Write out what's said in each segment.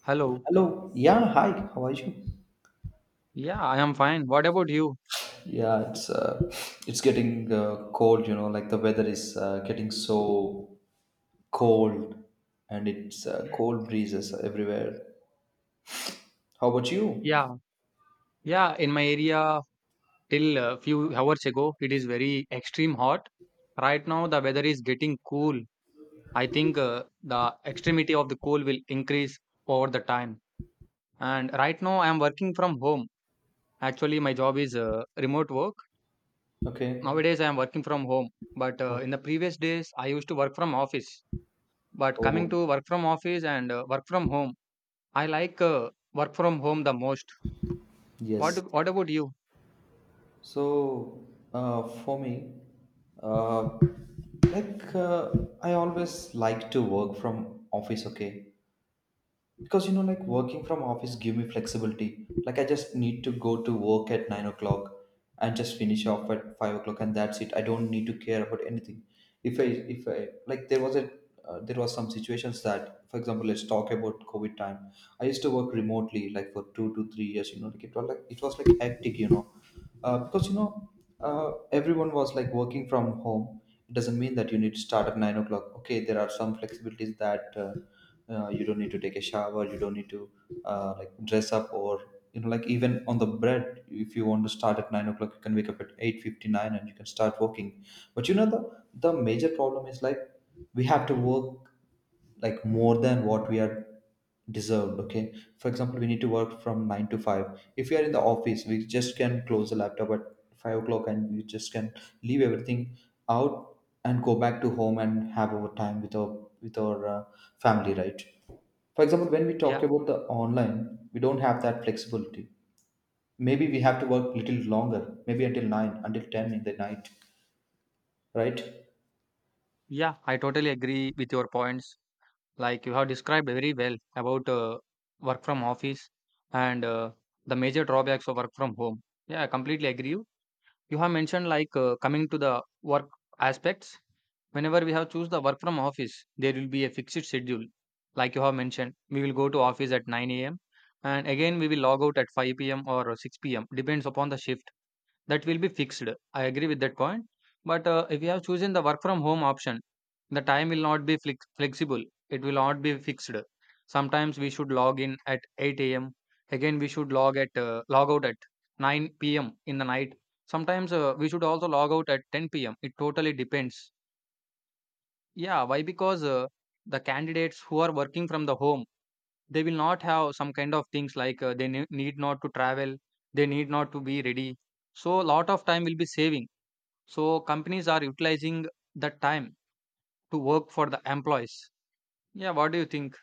Hello. Hello. Yeah. Hi. How are you? Yeah, I am fine. What about you? Yeah. It's getting cold. You know, like the weather is getting so cold, and it's cold breezes everywhere. How about you? Yeah, yeah. In my area, till a few hours ago, it is very extreme hot. Right now, the weather is getting cool. I think the extremity of the cold will increase over the time. And right now, I am working from home. Actually, my job is remote work. Okay. Nowadays, I am working from home. But Oh. in the previous days, I used to work from office. But coming Oh. to work from office and work from home, I like work from home the most. Yes. What about you? So, for me, uh, like I always like to work from office. Okay, because you know, like working from office give me flexibility. Like, I just need to go to work at 9 o'clock and just finish off at 5 o'clock, and that's it. I don't need to care about anything. If i if I like there was a there was some situations that, for example, let's talk about covid time. I used to work remotely, like, for 2 to 3 years. You know, like it was like hectic, you know. Because you know, uh, everyone was like working from home. It doesn't mean that you need to start at 9 o'clock. Okay, there are some flexibilities that you don't need to take a shower, you don't need to like dress up, or you know, like, even on the bread, if you want to start at 9 o'clock, you can wake up at 8:59 and you can start working. But you know, the major problem is like, we have to work like more than what we are deserved. Okay, for example, we need to work from 9 to 5. If we are in the office, we just can close the laptop at 5 o'clock, and we just can leave everything out and go back to home and have our time with our with our family, right? For example, when we Yeah, talk about the online, we don't have that flexibility. Maybe we have to work little longer, maybe until 9, until 10 in the night, right? yeah, I totally agree with your points. Like you have described very well about work from office and the major drawbacks of work from home. Yeah, I completely agree. You have mentioned like coming to the work aspects. Whenever we have choose the work from office, there will be a fixed schedule. Like you have mentioned, we will go to office at 9 a.m. and again we will log out at 5 p.m. or 6 p.m. depends upon the shift. That will be fixed. I agree with that point. But if you have chosen the work from home option, the time will not be flexible. It will not be fixed. Sometimes we should log in at 8 a.m. Again, we should log at log out at 9 p.m. in the night. Sometimes we should also log out at 10 p.m. It totally depends. Yeah, why? Because the candidates who are working from the home, they will not have some kind of things like need not to travel, they need not to be ready. So, lot of time will be saving so companies are utilizing the time to work for the employees. Yeah, what do you think?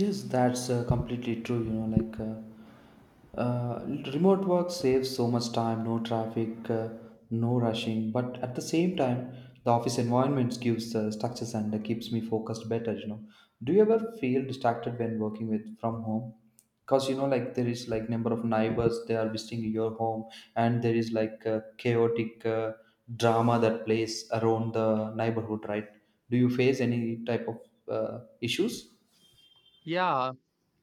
Yes, that's completely true. You know, like Uh, remote work saves so much time, no traffic, no rushing, but at the same time, the office environment gives structures and keeps me focused better. You know, do you ever feel distracted when working with from home? Because you know, like there is like number of neighbors they are visiting your home, and there is like chaotic drama that plays around the neighborhood, right? Do you face any type of issues? Yeah,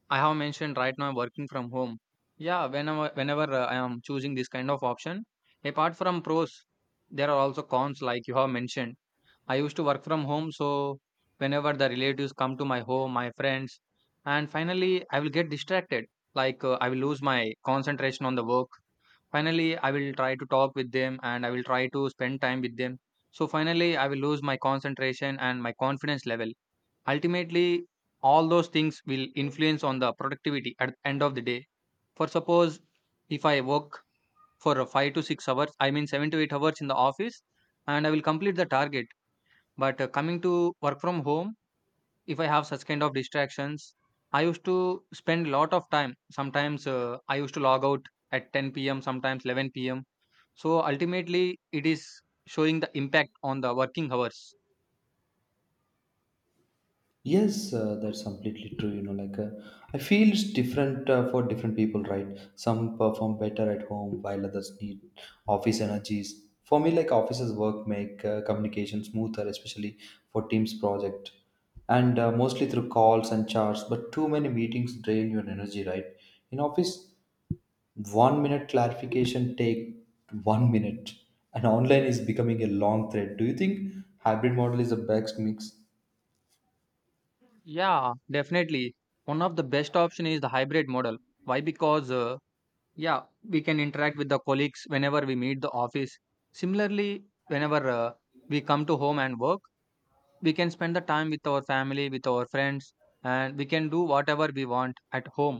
I have mentioned right now I'm working from home. Yeah, whenever I am choosing this kind of option, apart from pros, there are also cons like you have mentioned. I used to work from home, so whenever the relatives come to my home, my friends, and finally I will get distracted. I will lose my concentration on the work. Finally, I will try to talk with them and I will try to spend time with them. So finally, I will lose my concentration and my confidence level. Ultimately, all those things will influence on the productivity at the end of the day. For suppose if I work for a 5 to 6 hours, I mean 7 to 8 hours in the office, and I will complete the target. But coming to work from home, if I have such kind of distractions, I used to spend a lot of time. Sometimes I used to log out at 10 p.m., sometimes 11 p.m. So ultimately, it is showing the impact on the working hours. Yes, that's completely true. You know, like I feel it's different for different people, right? Some perform better at home while others need office energies. For me, like offices work make communication smoother, especially for teams project, and mostly through calls and charts. But too many meetings drain your energy, right? In office, 1 minute clarification take 1 minute, and online is becoming a long thread. Do you think hybrid model is the best mix? Yeah, definitely. One of the best option is the hybrid model. Why? We can interact with the colleagues whenever we meet the office. Similarly, whenever we come to home and work, we can spend the time with our family, with our friends, and we can do whatever we want at home.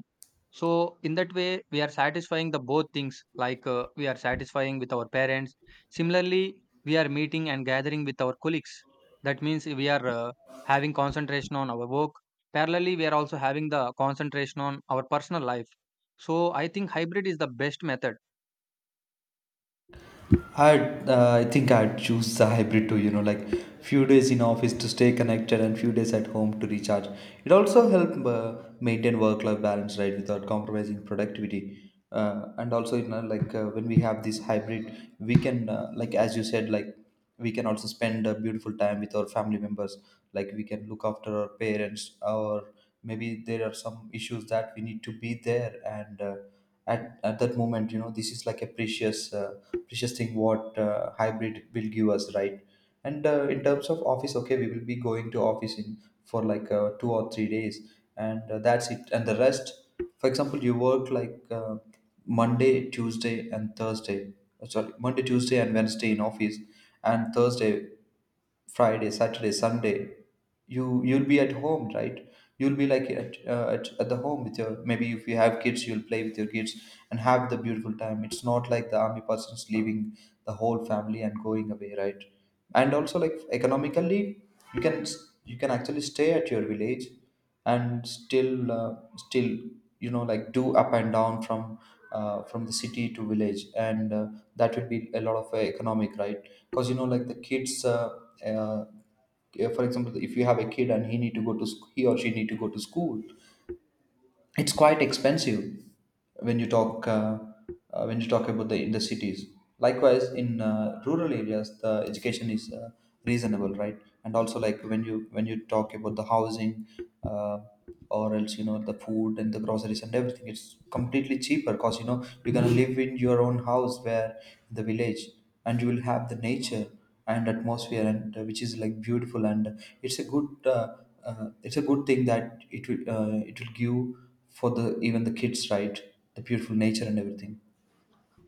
So, in that way, we are satisfying the both things. We are satisfying with our parents. Similarly, we are meeting and gathering with our colleagues. That means we are having concentration on our work. Parallelly, we are also having the concentration on our personal life. So, I think hybrid is the best method. I think I'd choose the hybrid too, you know, like few days in office to stay connected and few days at home to recharge. It also help maintain work-life balance, right, without compromising productivity. And also, you know, like when we have this hybrid, we can, like as you said, like we can also spend a beautiful time with our family members. Like we can look after our parents, or maybe there are some issues that we need to be there and, at that moment, you know, this is like a precious precious thing what hybrid will give us, right. And in terms of office, okay, we will be going to office in for like 2 or 3 days, and that's it. And the rest, for example, you work like Monday, Tuesday, and Thursday. Sorry, Monday, Tuesday, and Wednesday in office, and Thursday, Friday, Saturday, Sunday, you'll be at home, right? You'll be like at the home with your, maybe if you have kids, you'll play with your kids and have the beautiful time. It's not like the army person's leaving the whole family and going away, right? And also like economically, you can you can actually stay at your village and still you know, like do up and down from the city to village, and that would be a lot of economic, right? Because you know, like the kids uh, for example, if you have a kid and he need to go to he or she need to go to school, it's quite expensive when you talk uh, when you talk about the in the cities. Likewise, in rural areas, the education is reasonable, right? And also like when you talk about the housing, uh, or else, you know, the food and the groceries and everything, it's completely cheaper, because you know, you're gonna live in your own house where the village, and you will have the nature and atmosphere and, which is like beautiful, and it's a good thing that it will it will give for the even the kids, right? The beautiful nature and everything.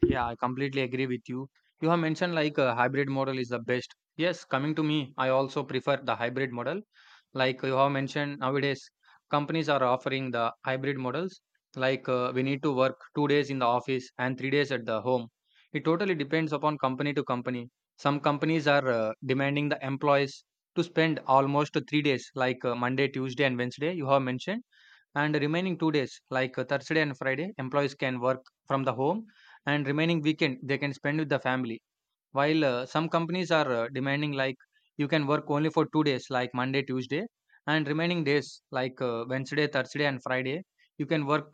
Yeah, I completely agree with you. You have mentioned like a hybrid model is the best. Yes, coming to me, I also prefer the hybrid model. Like you have mentioned, nowadays companies are offering the hybrid models. We need to work 2 days in the office and 3 days at the home. It totally depends upon company to company. Some companies are demanding the employees to spend almost 3 days, like Monday, Tuesday, and Wednesday, you have mentioned, and remaining 2 days like Thursday and Friday employees can work from the home, and remaining weekend they can spend with the family, while some companies are demanding like you can work only for 2 days like Monday, Tuesday, and remaining days like Wednesday, Thursday, and Friday you can work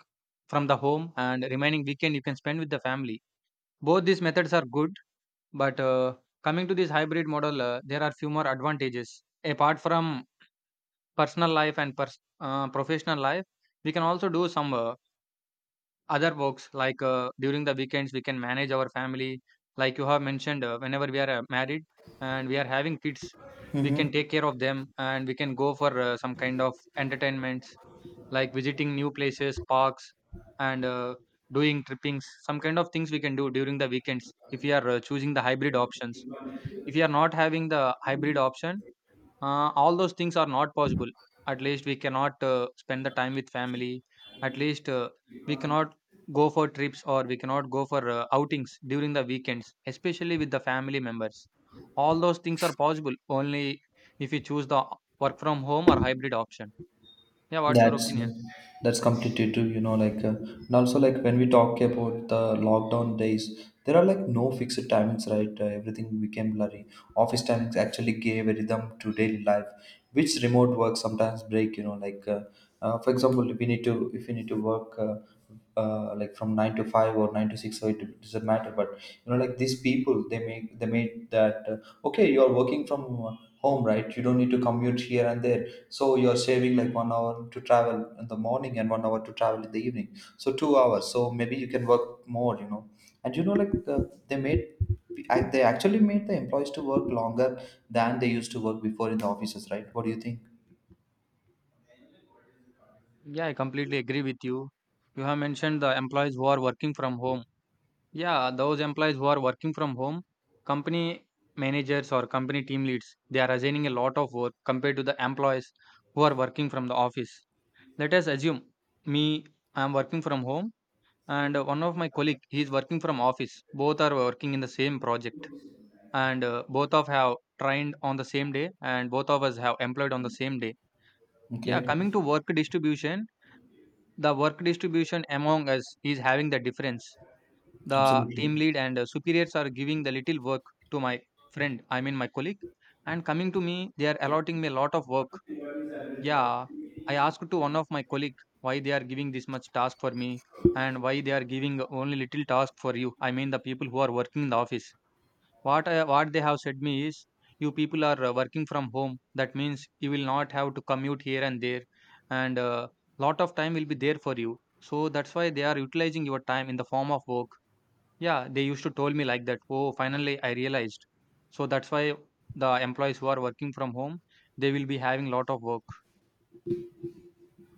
from the home, and remaining weekend you can spend with the family. Both these methods are good, but coming to this hybrid model there are few more advantages apart from personal life and professional life. We can also do some other works like during the weekends we can manage our family, like you have mentioned, whenever we are married and we are having kids, we can Hmm. take care of them and we can go for some kind of entertainments like visiting new places, parks, and doing trippings, some kind of things we can do during the weekends if we are choosing the hybrid options. If you are not having the hybrid option, all those things are not possible. At least we cannot spend the time with family. At least we cannot go for trips or we cannot go for outings during the weekends, especially with the family members. All those things are possible only if you choose the work from home or hybrid option. Yeah, what's your That's opinion? that's completely true. You know, like, and also like when we talk about the lockdown days, there are like no fixed timings, right? Everything became blurry. Office timings actually gave a rhythm to daily life, which remote work sometimes break. You know, like, for example, if we need to if we need to work. Like from 9 to 5 or 9 to 6, so it doesn't matter. But you know, like these people, they made that, okay. You are working from home, right? You don't need to commute here and there. So you're saving like 1 hour to travel in the morning and 1 hour to travel in the evening. So 2 hours. So maybe you can work more, you know. And you know, like, they made, they actually made the employees to work longer than they used to work before in the offices, right? What do you think? Yeah, I completely agree with you. You have mentioned the employees who are working from home. Yeah, those employees who are working from home, company managers or company team leads, they are assigning a lot of work compared to the employees who are working from the office. Let us assume me, I am working from home and one of my colleague, he is working from office. Both are working in the same project and both of have trained on the same day and both of us have employed on the same day. Yeah, Okay, coming to work distribution, the work distribution among us is having the difference. The team absolutely. lead and superiors are giving the little work to my friend, I mean my colleague, and coming to me they are allotting me a lot of work. Yeah, I asked to one of my colleague why they are giving this much task for me and why they are giving only little task for you, I mean the people who are working in the office. What they have said me is you people are working from home, that means you will not have to commute here and there, and lot of time will be there for you, so that's why they are utilizing your time in the form of work. Yeah, they used to told me like that. Oh, finally I realized. So that's why the employees who are working from home, they will be having lot of work.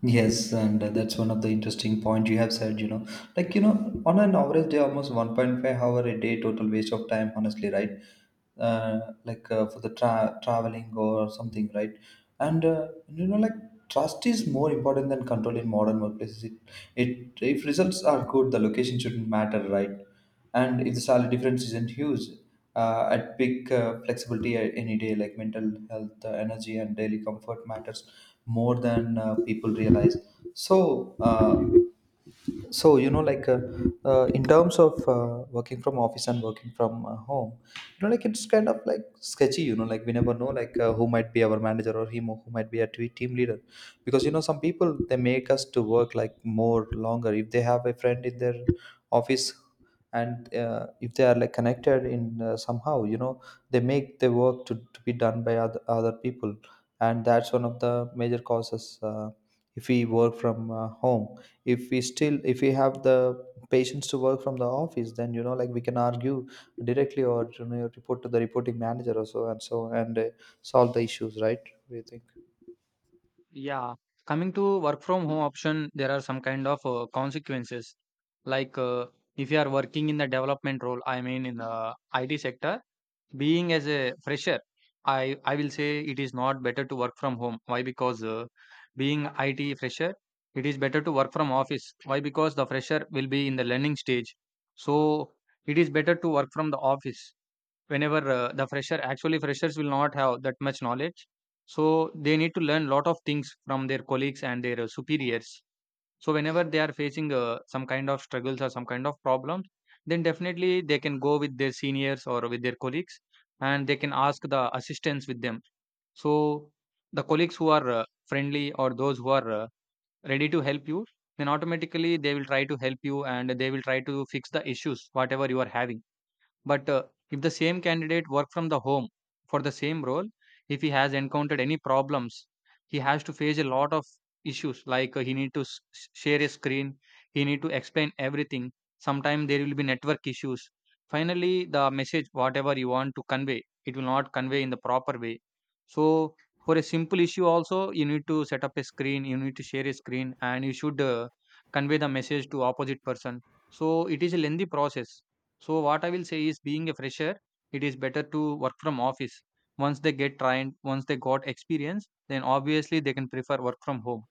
Yes, and that's one of the interesting point you have said, you know, like, you know, on an average day, almost 1.5 hour a day total waste of time, honestly, right? uh, like for the traveling or something, right? And you know, like trust is more important than control in modern workplaces. It, if results are good, the location shouldn't matter, right? And if the salary difference isn't huge, I'd pick flexibility any day. Like mental health, energy, and daily comfort matters more than people realize. So so you know, like in terms of working from office and working from home, you know, like it's kind of like sketchy. You know, like we never know, like who might be our manager, or him, or who might be a team leader. Because you know, some people they make us to work like more longer if they have a friend in their office. And if they are like connected in somehow, you know, they make the work to be done by other people. And that's one of the major causes. If we work from home, if we have the patience to work from the office, then you know, like we can argue directly, or you know, report to the reporting manager or so and so, and solve the issues, right? We think. Yeah. Coming to work from home option, there are some kind of consequences. Like uh, if you are working in the development role, I mean in the IT sector, being as a fresher, I will say it is not better to work from home. Why? Because being it fresher, it is better to work from office. Why? Because the fresher will be in the learning stage, so it is better to work from the office. Whenever the fresher, actually freshers will not have that much knowledge, so they need to learn lot of things from their colleagues and their superiors. So whenever they are facing some kind of struggles or some kind of problems, then definitely they can go with their seniors or with their colleagues, and they can ask the assistance with them. So the colleagues who are friendly or those who are ready to help you, then automatically they will try to help you and they will try to fix the issues whatever you are having. But if the same candidate work from the home for the same role, if he has encountered any problems, he has to face a lot of issues like he need to share a screen, he need to explain everything. Sometimes there will be network issues. Finally, the message whatever you want to convey, it will not convey in the proper way. So for a simple issue also, you need to set up a screen, you need to share a screen, and you should convey the message to opposite person. So it is a lengthy process. So what I will say is being a fresher, it is better to work from office. Once they get trained, once they got experience, then obviously they can prefer work from home.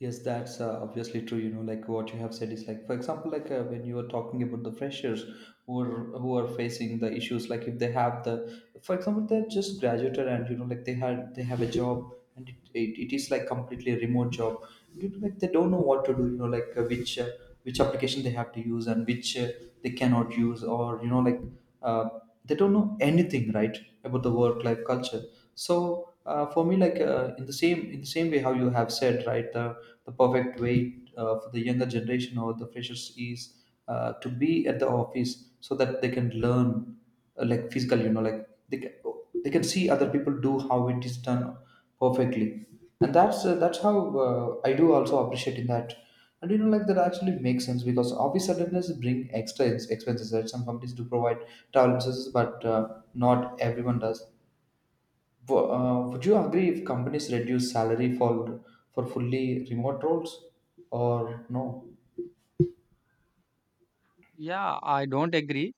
Yes, that's obviously true. You know, what you have said is, for example, when you were talking about the freshers who are facing the issues. Like if they have the, for example, they're just graduated and you know like they have a job and it is like completely a remote job. You know, like they don't know what to do. Which which application they have to use and which they cannot use, or uh, they don't know anything, right, about the work life culture. So for me, in the same way how you have said, right, the perfect way for the younger generation or the freshers is to be at the office so that they can learn, like physical, you know, they can they can see other people do how it is done perfectly. And that's how I do also appreciate in that. And you know like that actually makes sense, because office attendance bring extra expenses that some companies do provide travel services, but not everyone does. Would you agree if companies reduce salary for fully remote roles, or no? Yeah, I don't agree,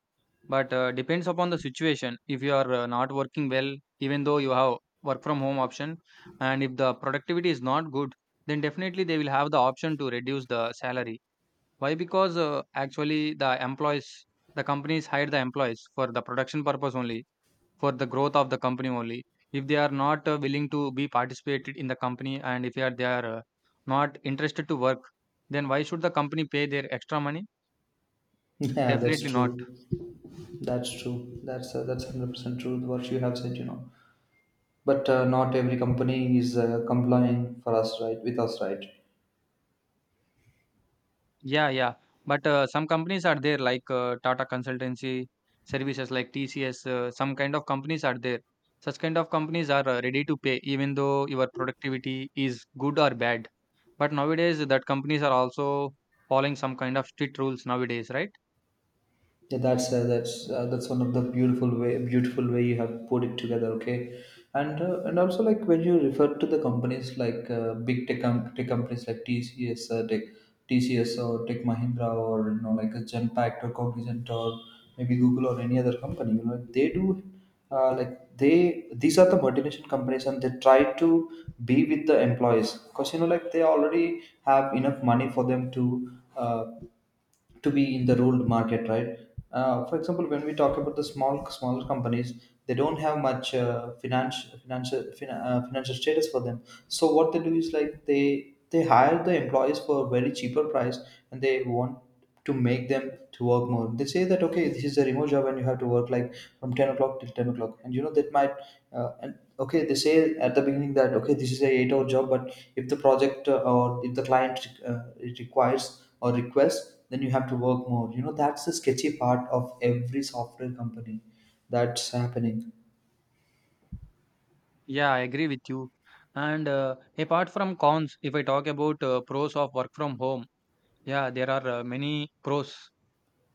but depends upon the situation. If you are not working well, even though you have work from home option, and if the productivity is not good, then definitely they will have the option to reduce the salary. Why? Because actually the companies hire the employees for the production purpose only, for the growth of the company only. If they are not willing to be participated in the company, and if they are not interested to work, then why should the company pay their extra money? Yeah, that's Definitely not. true. That's true. That's 100% true what you have said, you know. But not every company is complying for us, right, with us, right? Yeah, yeah, but some companies are there like Tata Consultancy Services, like TCS, some kind of companies are there. Such kind of companies are ready to pay even though your productivity is good or bad. But nowadays that companies are also following some kind of strict rules nowadays, right? Yeah, that's one of the beautiful way you have put it together. Okay, and also, like, when you refer to the companies, like big tech, tech companies like TCS, TCS or Tech Mahindra, or you know, like a Genpact or Cognizant or maybe Google or any other company. You know, they do like they, these are the multinational companies, and they try to be with the employees, because you know like they already have enough money for them to. To be in the ruled market, right? For example, when we talk about the smaller companies, they don't have much financial status for them. So what they do is, like, they hire the employees for a very cheaper price, and they want to make them to work more. They say that, okay, this is a remote job, and you have to work like from 10 o'clock till 10 o'clock, and you know that might and okay, they say at the beginning that, okay, this is a 8 hour job, but if the project or if the client it requires or request, then you have to work more. You know, that's the sketchy part of every software company, that's happening. Yeah, I agree with you. And apart from cons, if I talk about pros of work from home, yeah, there are many pros.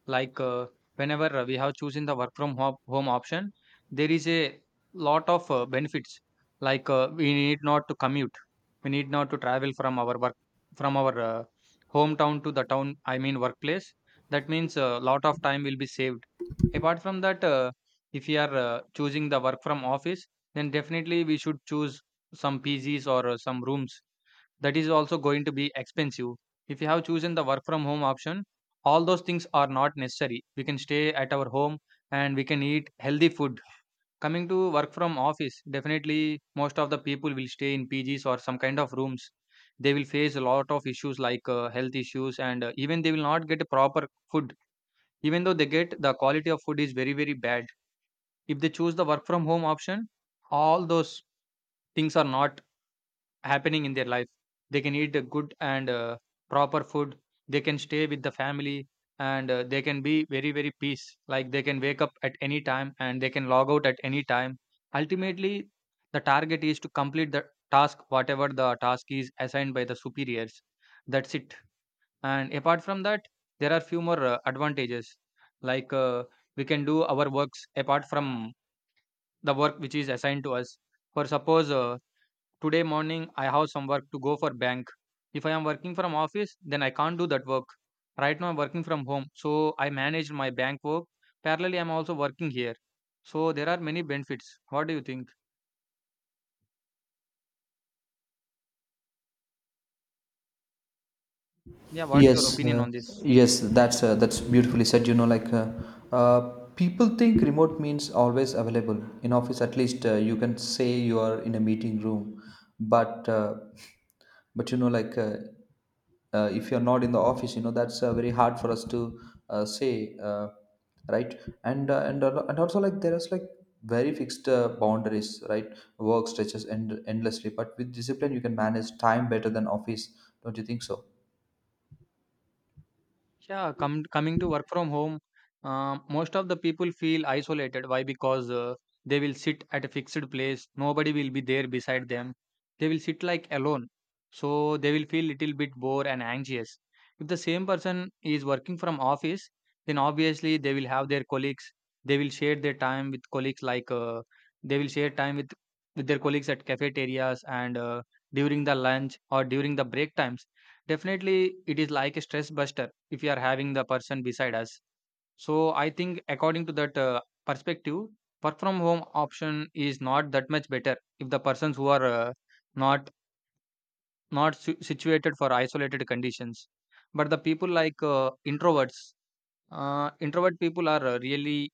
Like, uh, Whenever we have chosen the work from home option, there is a lot of benefits. We need not to commute. We need not to travel from our work from our hometown to the town. I mean workplace. That means a lot of time will be saved. Apart from that, if you are choosing the work from office, then definitely we should choose some PGs or some rooms. That is also going to be expensive. If you have chosen the work from home option, all those things are not necessary. We can stay at our home and we can eat healthy food. Coming to work from office, definitely most of the people will stay in PGs or some kind of rooms. They will face a lot of issues like health issues, and even they will not get a proper food. Even though they get, the quality of food is very very bad. If they choose the work from home option, all those things are not happening in their life. They can eat a good and proper food. They can stay with the family, and they can be very, very peace. Like, they can wake up at any time and they can log out at any time. Ultimately, the target is to complete the task, whatever the task is assigned by the superiors. That's it. And apart from that, there are few more advantages. Like uh, we can do our works apart from the work which is assigned to us. For suppose, today morning I have some work to go for bank. If I am working from office, then I can't do that work. Right now I'm working from home, so I manage my bank work. Parallelly, I'm also working here. So there are many benefits. What do you think? Yeah, what's your Yes, opinion on this? yes, that's beautifully said. Uh, People think remote means always available in office. At least you can say you are in a meeting room, but uh, but you know, if you're not in the office, you know, that's very hard for us to say, right? And also, like, there is like very fixed boundaries, right? Work stretches endlessly, but with discipline you can manage time better than office. Don't you think so? Yeah, come coming to work from home, most of the people feel isolated. Why? Because they will sit at a fixed place. Nobody will be there beside them. They will sit like alone. So they will feel little bit bored and anxious. If the same person is working from office, then obviously they will have their colleagues. They will share their time with colleagues. They will share time with their colleagues at cafeterias and during the lunch or during the break times. Definitely, it is like a stress buster if we are having the person beside us. So I think according to that perspective, work from home option is not that much better if the persons who are not not su- situated for isolated conditions. But the people like introverts, introvert people are really,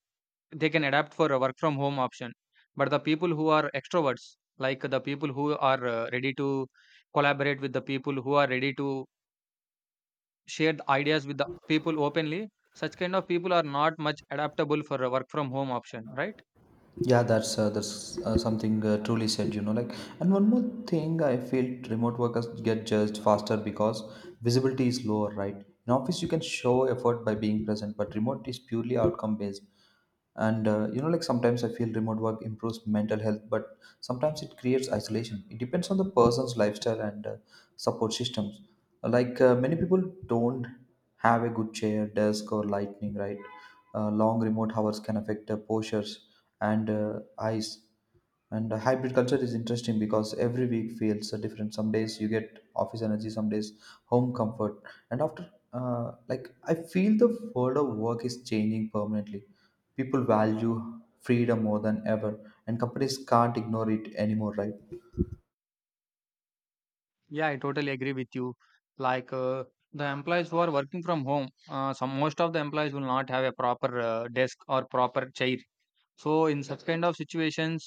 they can adapt for a work from home option. But the people who are extroverts, like the people who are ready to collaborate, with the people who are ready to share the ideas with the people openly, such kind of people are not much adaptable for a work from home option, right? Yeah, that's something truly said. You know, like, and one more thing, I feel remote workers get judged faster because visibility is lower, right? In office, you can show effort by being present, but remote is purely outcome based. And you know, like sometimes I feel remote work improves mental health, but sometimes it creates isolation. It depends on the person's lifestyle and support systems. Many people don't have a good chair, desk, or lighting, right? Long remote hours can affect postures and eyes. And hybrid culture is interesting because every week feels different. Some days you get office energy, some days home comfort. And after, like, I feel the world of work is changing permanently. People value freedom more than ever, and companies can't ignore it anymore, right? Yeah, I totally agree with you. like uh, the employees who are working from home, some, most of the employees will not have a proper desk or proper chair. So in such kind of situations,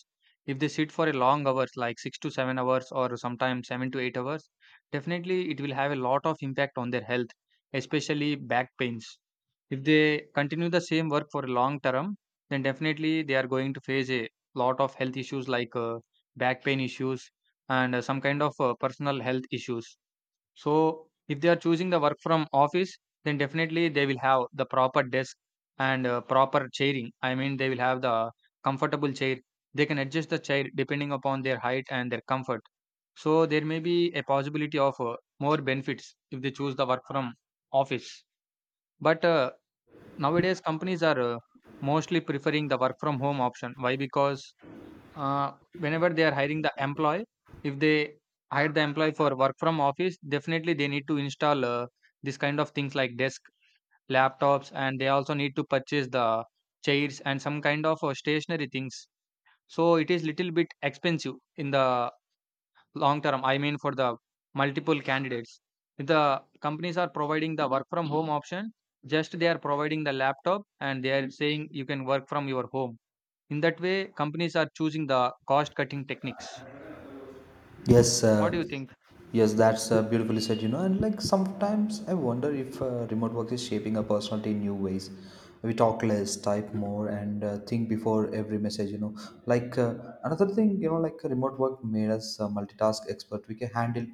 if they sit for a long hours, like 6 to 7 hours or sometimes 7 to 8 hours, definitely it will have a lot of impact on their health, especially back pains. If they continue the same work for a long term, then definitely they are going to face a lot of health issues like back pain issues, and some kind of personal health issues. So if they are choosing the work from office, then definitely they will have the proper desk and proper chairing. I mean, they will have the comfortable chair. They can adjust the chair depending upon their height and their comfort. So there may be a possibility of more benefits if they choose the work from office. But nowadays companies are mostly preferring the work from home option. Why? Because whenever they are hiring the employee, if they hire the employee for work from office, definitely they need to install this kind of things like desk, laptops, and they also need to purchase the chairs and some kind of stationary things. So it is little bit expensive in the long term. I mean for the multiple candidates. If the companies are providing the work from home option, just they are providing the laptop and they are saying you can work from your home. In that way, companies are choosing the cost cutting techniques. Yes, What do you think? yes, that's beautifully said, you know. And like sometimes I wonder if remote work is shaping our personality in new ways. We talk less, type more, and think before every message, you know. Like uh, Another thing, you know, like remote work made us multitask expert.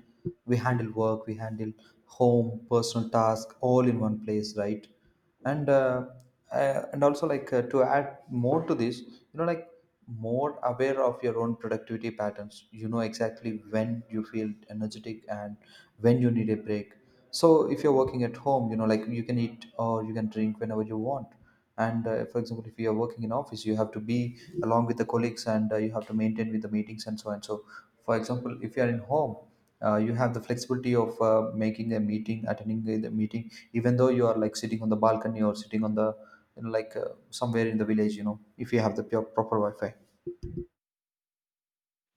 We handle work, we handle home, personal task, all in one place, right? and uh, and also, to add more to this, you know, like, more aware of your own productivity patterns. You know exactly when you feel energetic and when you need a break. So if you're working at home, you know, like, you can eat or you can drink whenever you want. And for example, if you are working in office, you have to be along with the colleagues, and you have to maintain with the meetings, and so on. So for example, if you are in home, you have the flexibility of making a meeting, attending the meeting, even though you are like sitting on the balcony or sitting on the, you know, like uh, somewhere in the village, you know, if you have the pure, proper wi-fi.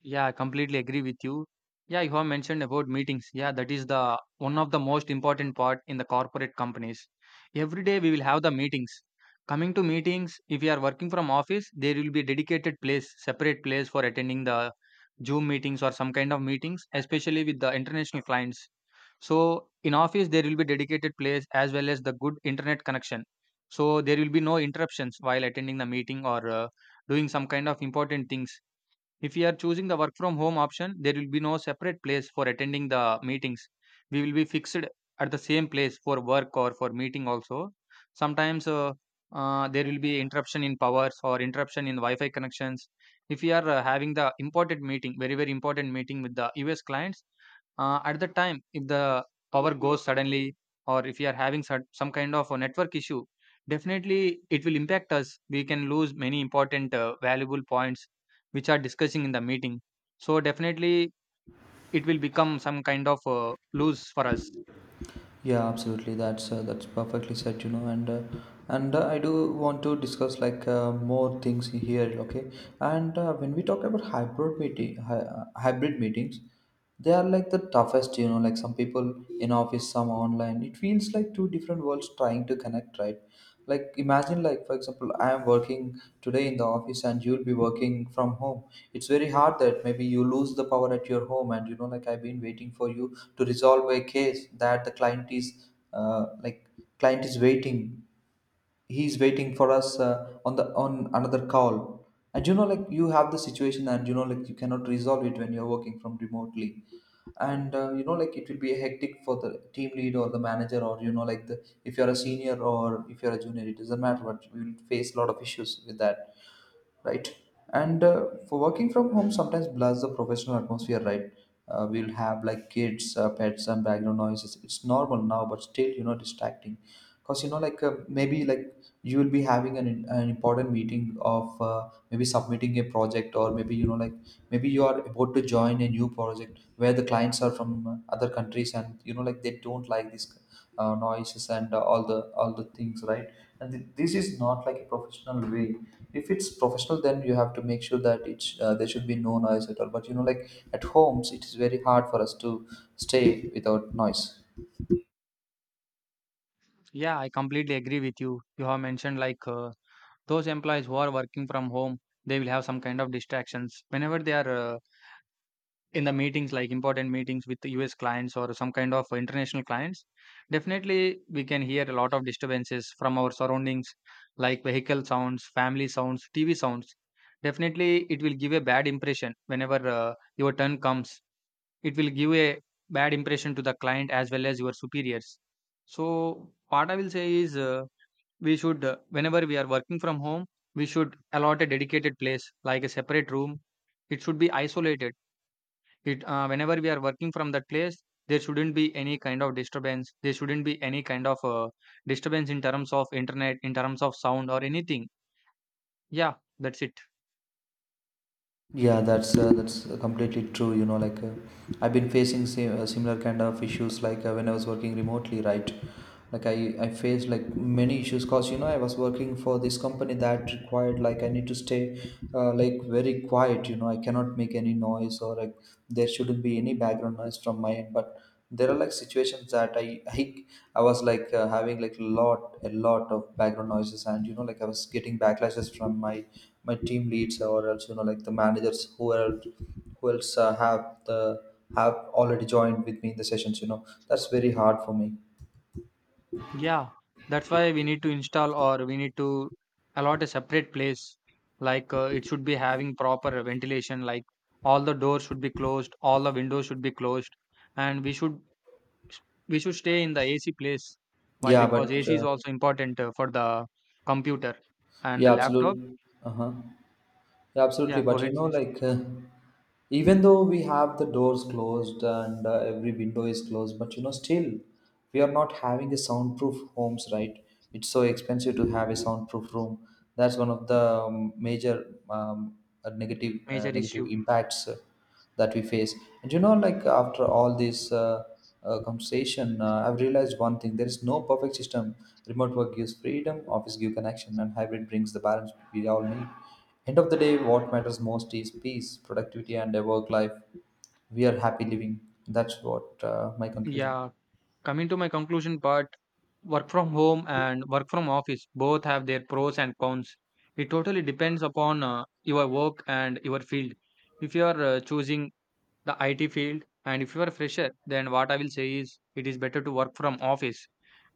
Yeah, I completely agree with you. Yeah, you have mentioned about meetings. Yeah, that is the one of the most important part in the corporate companies. Every day we will have the meetings. Coming to meetings, if you are working from office, there will be dedicated place, separate place for attending the Zoom meetings or some kind of meetings, especially with the international clients. So in office there will be dedicated place as well as the good internet connection. So there will be no interruptions while attending the meeting or doing some kind of important things. If we are choosing the work from home option, there will be no separate place for attending the meetings. We will be fixed at the same place for work or for meeting also. Sometimes there will be interruption in powers or interruption in Wi-Fi connections. If we are having the important meeting, very very important meeting with the US clients, at the time if the power goes suddenly or if we are having some kind of a network issue, definitely it will impact us. We can lose many important valuable points which are discussing in the meeting. So definitely it will become some kind of lose for us. Yeah, absolutely. That's perfectly said, you know, and I do want to discuss more things here, okay? And when we talk about hybrid meetings, they are like the toughest, you know. Like some people in office, some online. It feels like two different worlds trying to connect, right? Like imagine, like, for example, I am working today in the office and you'll be working from home. It's very hard that maybe you lose the power at your home, and you know like I've been waiting for you to resolve a case that the client is uh, like client is waiting. He's waiting for us on the, on another call, and you know like you have the situation and you know like you cannot resolve it when you're working from remotely. And you know like it will be hectic for the team lead or the manager, or you know, like, the if you're a senior or if you're a junior, it doesn't matter. But you will face a lot of issues with that, right? And for working from home sometimes blurs the professional atmosphere, right? We'll have like kids, pets, and background noises. It's normal now, but still, you know, distracting. Because you know, maybe like you will be having an important meeting of maybe submitting a project, or maybe, you know, like, maybe you are about to join a new project where the clients are from other countries, and you know, like they don't like this noises and all the things, right? And this is not like a professional way. If it's professional, then you have to make sure that it's there should be no noise at all. But you know, like at homes it is very hard for us to stay without noise. Yeah, I completely agree with you. You have mentioned those employees who are working from home, they will have some kind of distractions whenever they are in the meetings, like important meetings with the US clients or some kind of international clients. Definitely, we can hear a lot of disturbances from our surroundings, like vehicle sounds, family sounds, TV sounds. Definitely, it will give a bad impression. Whenever your turn comes, it will give a bad impression to the client as well as your superiors. So what I will say is, we should, whenever we are working from home, we should allot a dedicated place like a separate room. It should be isolated. It Whenever we are working from that place, there shouldn't be any kind of disturbance. There shouldn't be any kind of disturbance in terms of internet, in terms of sound, or anything. Yeah, that's it. Yeah, that's completely true. I've been facing similar kind of issues when I was working remotely, right? Like I faced like many issues, because you know I was working for this company that required like I need to stay like very quiet. You know, I cannot make any noise or like there shouldn't be any background noise from my end. But there are like situations that i, I was like having like lot of background noises, and you know like I was getting backlashes from my, my team leads, or else, you know like, the managers who else have the have already joined with me in the sessions. You know, that's very hard for me. Yeah, that's why we need to install or we need to allot a separate place. Like it should be having proper ventilation, like all the doors should be closed, all the windows should be closed, and we should stay in the AC place. Why? yeah Because but AC is uh, also important for the computer and the yeah, laptop. absolutely. Uh-huh. Yeah, absolutely. Yeah, go But you ahead, know, please. like, even though we have the doors closed and every window is closed, but you know, still, we are not having a soundproof homes, right? It's so expensive to have a soundproof room. That's one of the major negative, Major negative issue. impacts that we face. And you know, like after all this, conversation, I've realized one thing: there is no perfect system. Remote work gives freedom, office gives connection, and hybrid brings the balance we all need. End of the day, what matters most is peace, productivity, and a work life we are happy living. That's what, my conclusion. Yeah, coming to my conclusion part, work from home and work from office both have their pros and cons. It totally depends upon your work and your field. If you are choosing the IT field and if you are a fresher, then what I will say is it is better to work from office.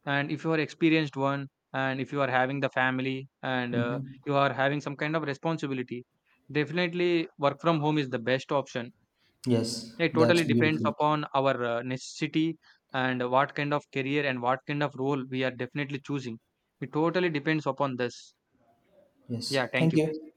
And if you are experienced one, and if you are having the family and Hmm. you are having some kind of responsibility, definitely work from home is the best option. Yes, It totally that's depends beautiful. upon our necessity and what kind of career and what kind of role we are definitely choosing. It totally depends upon this. Yes, Yeah, thank thank you. you.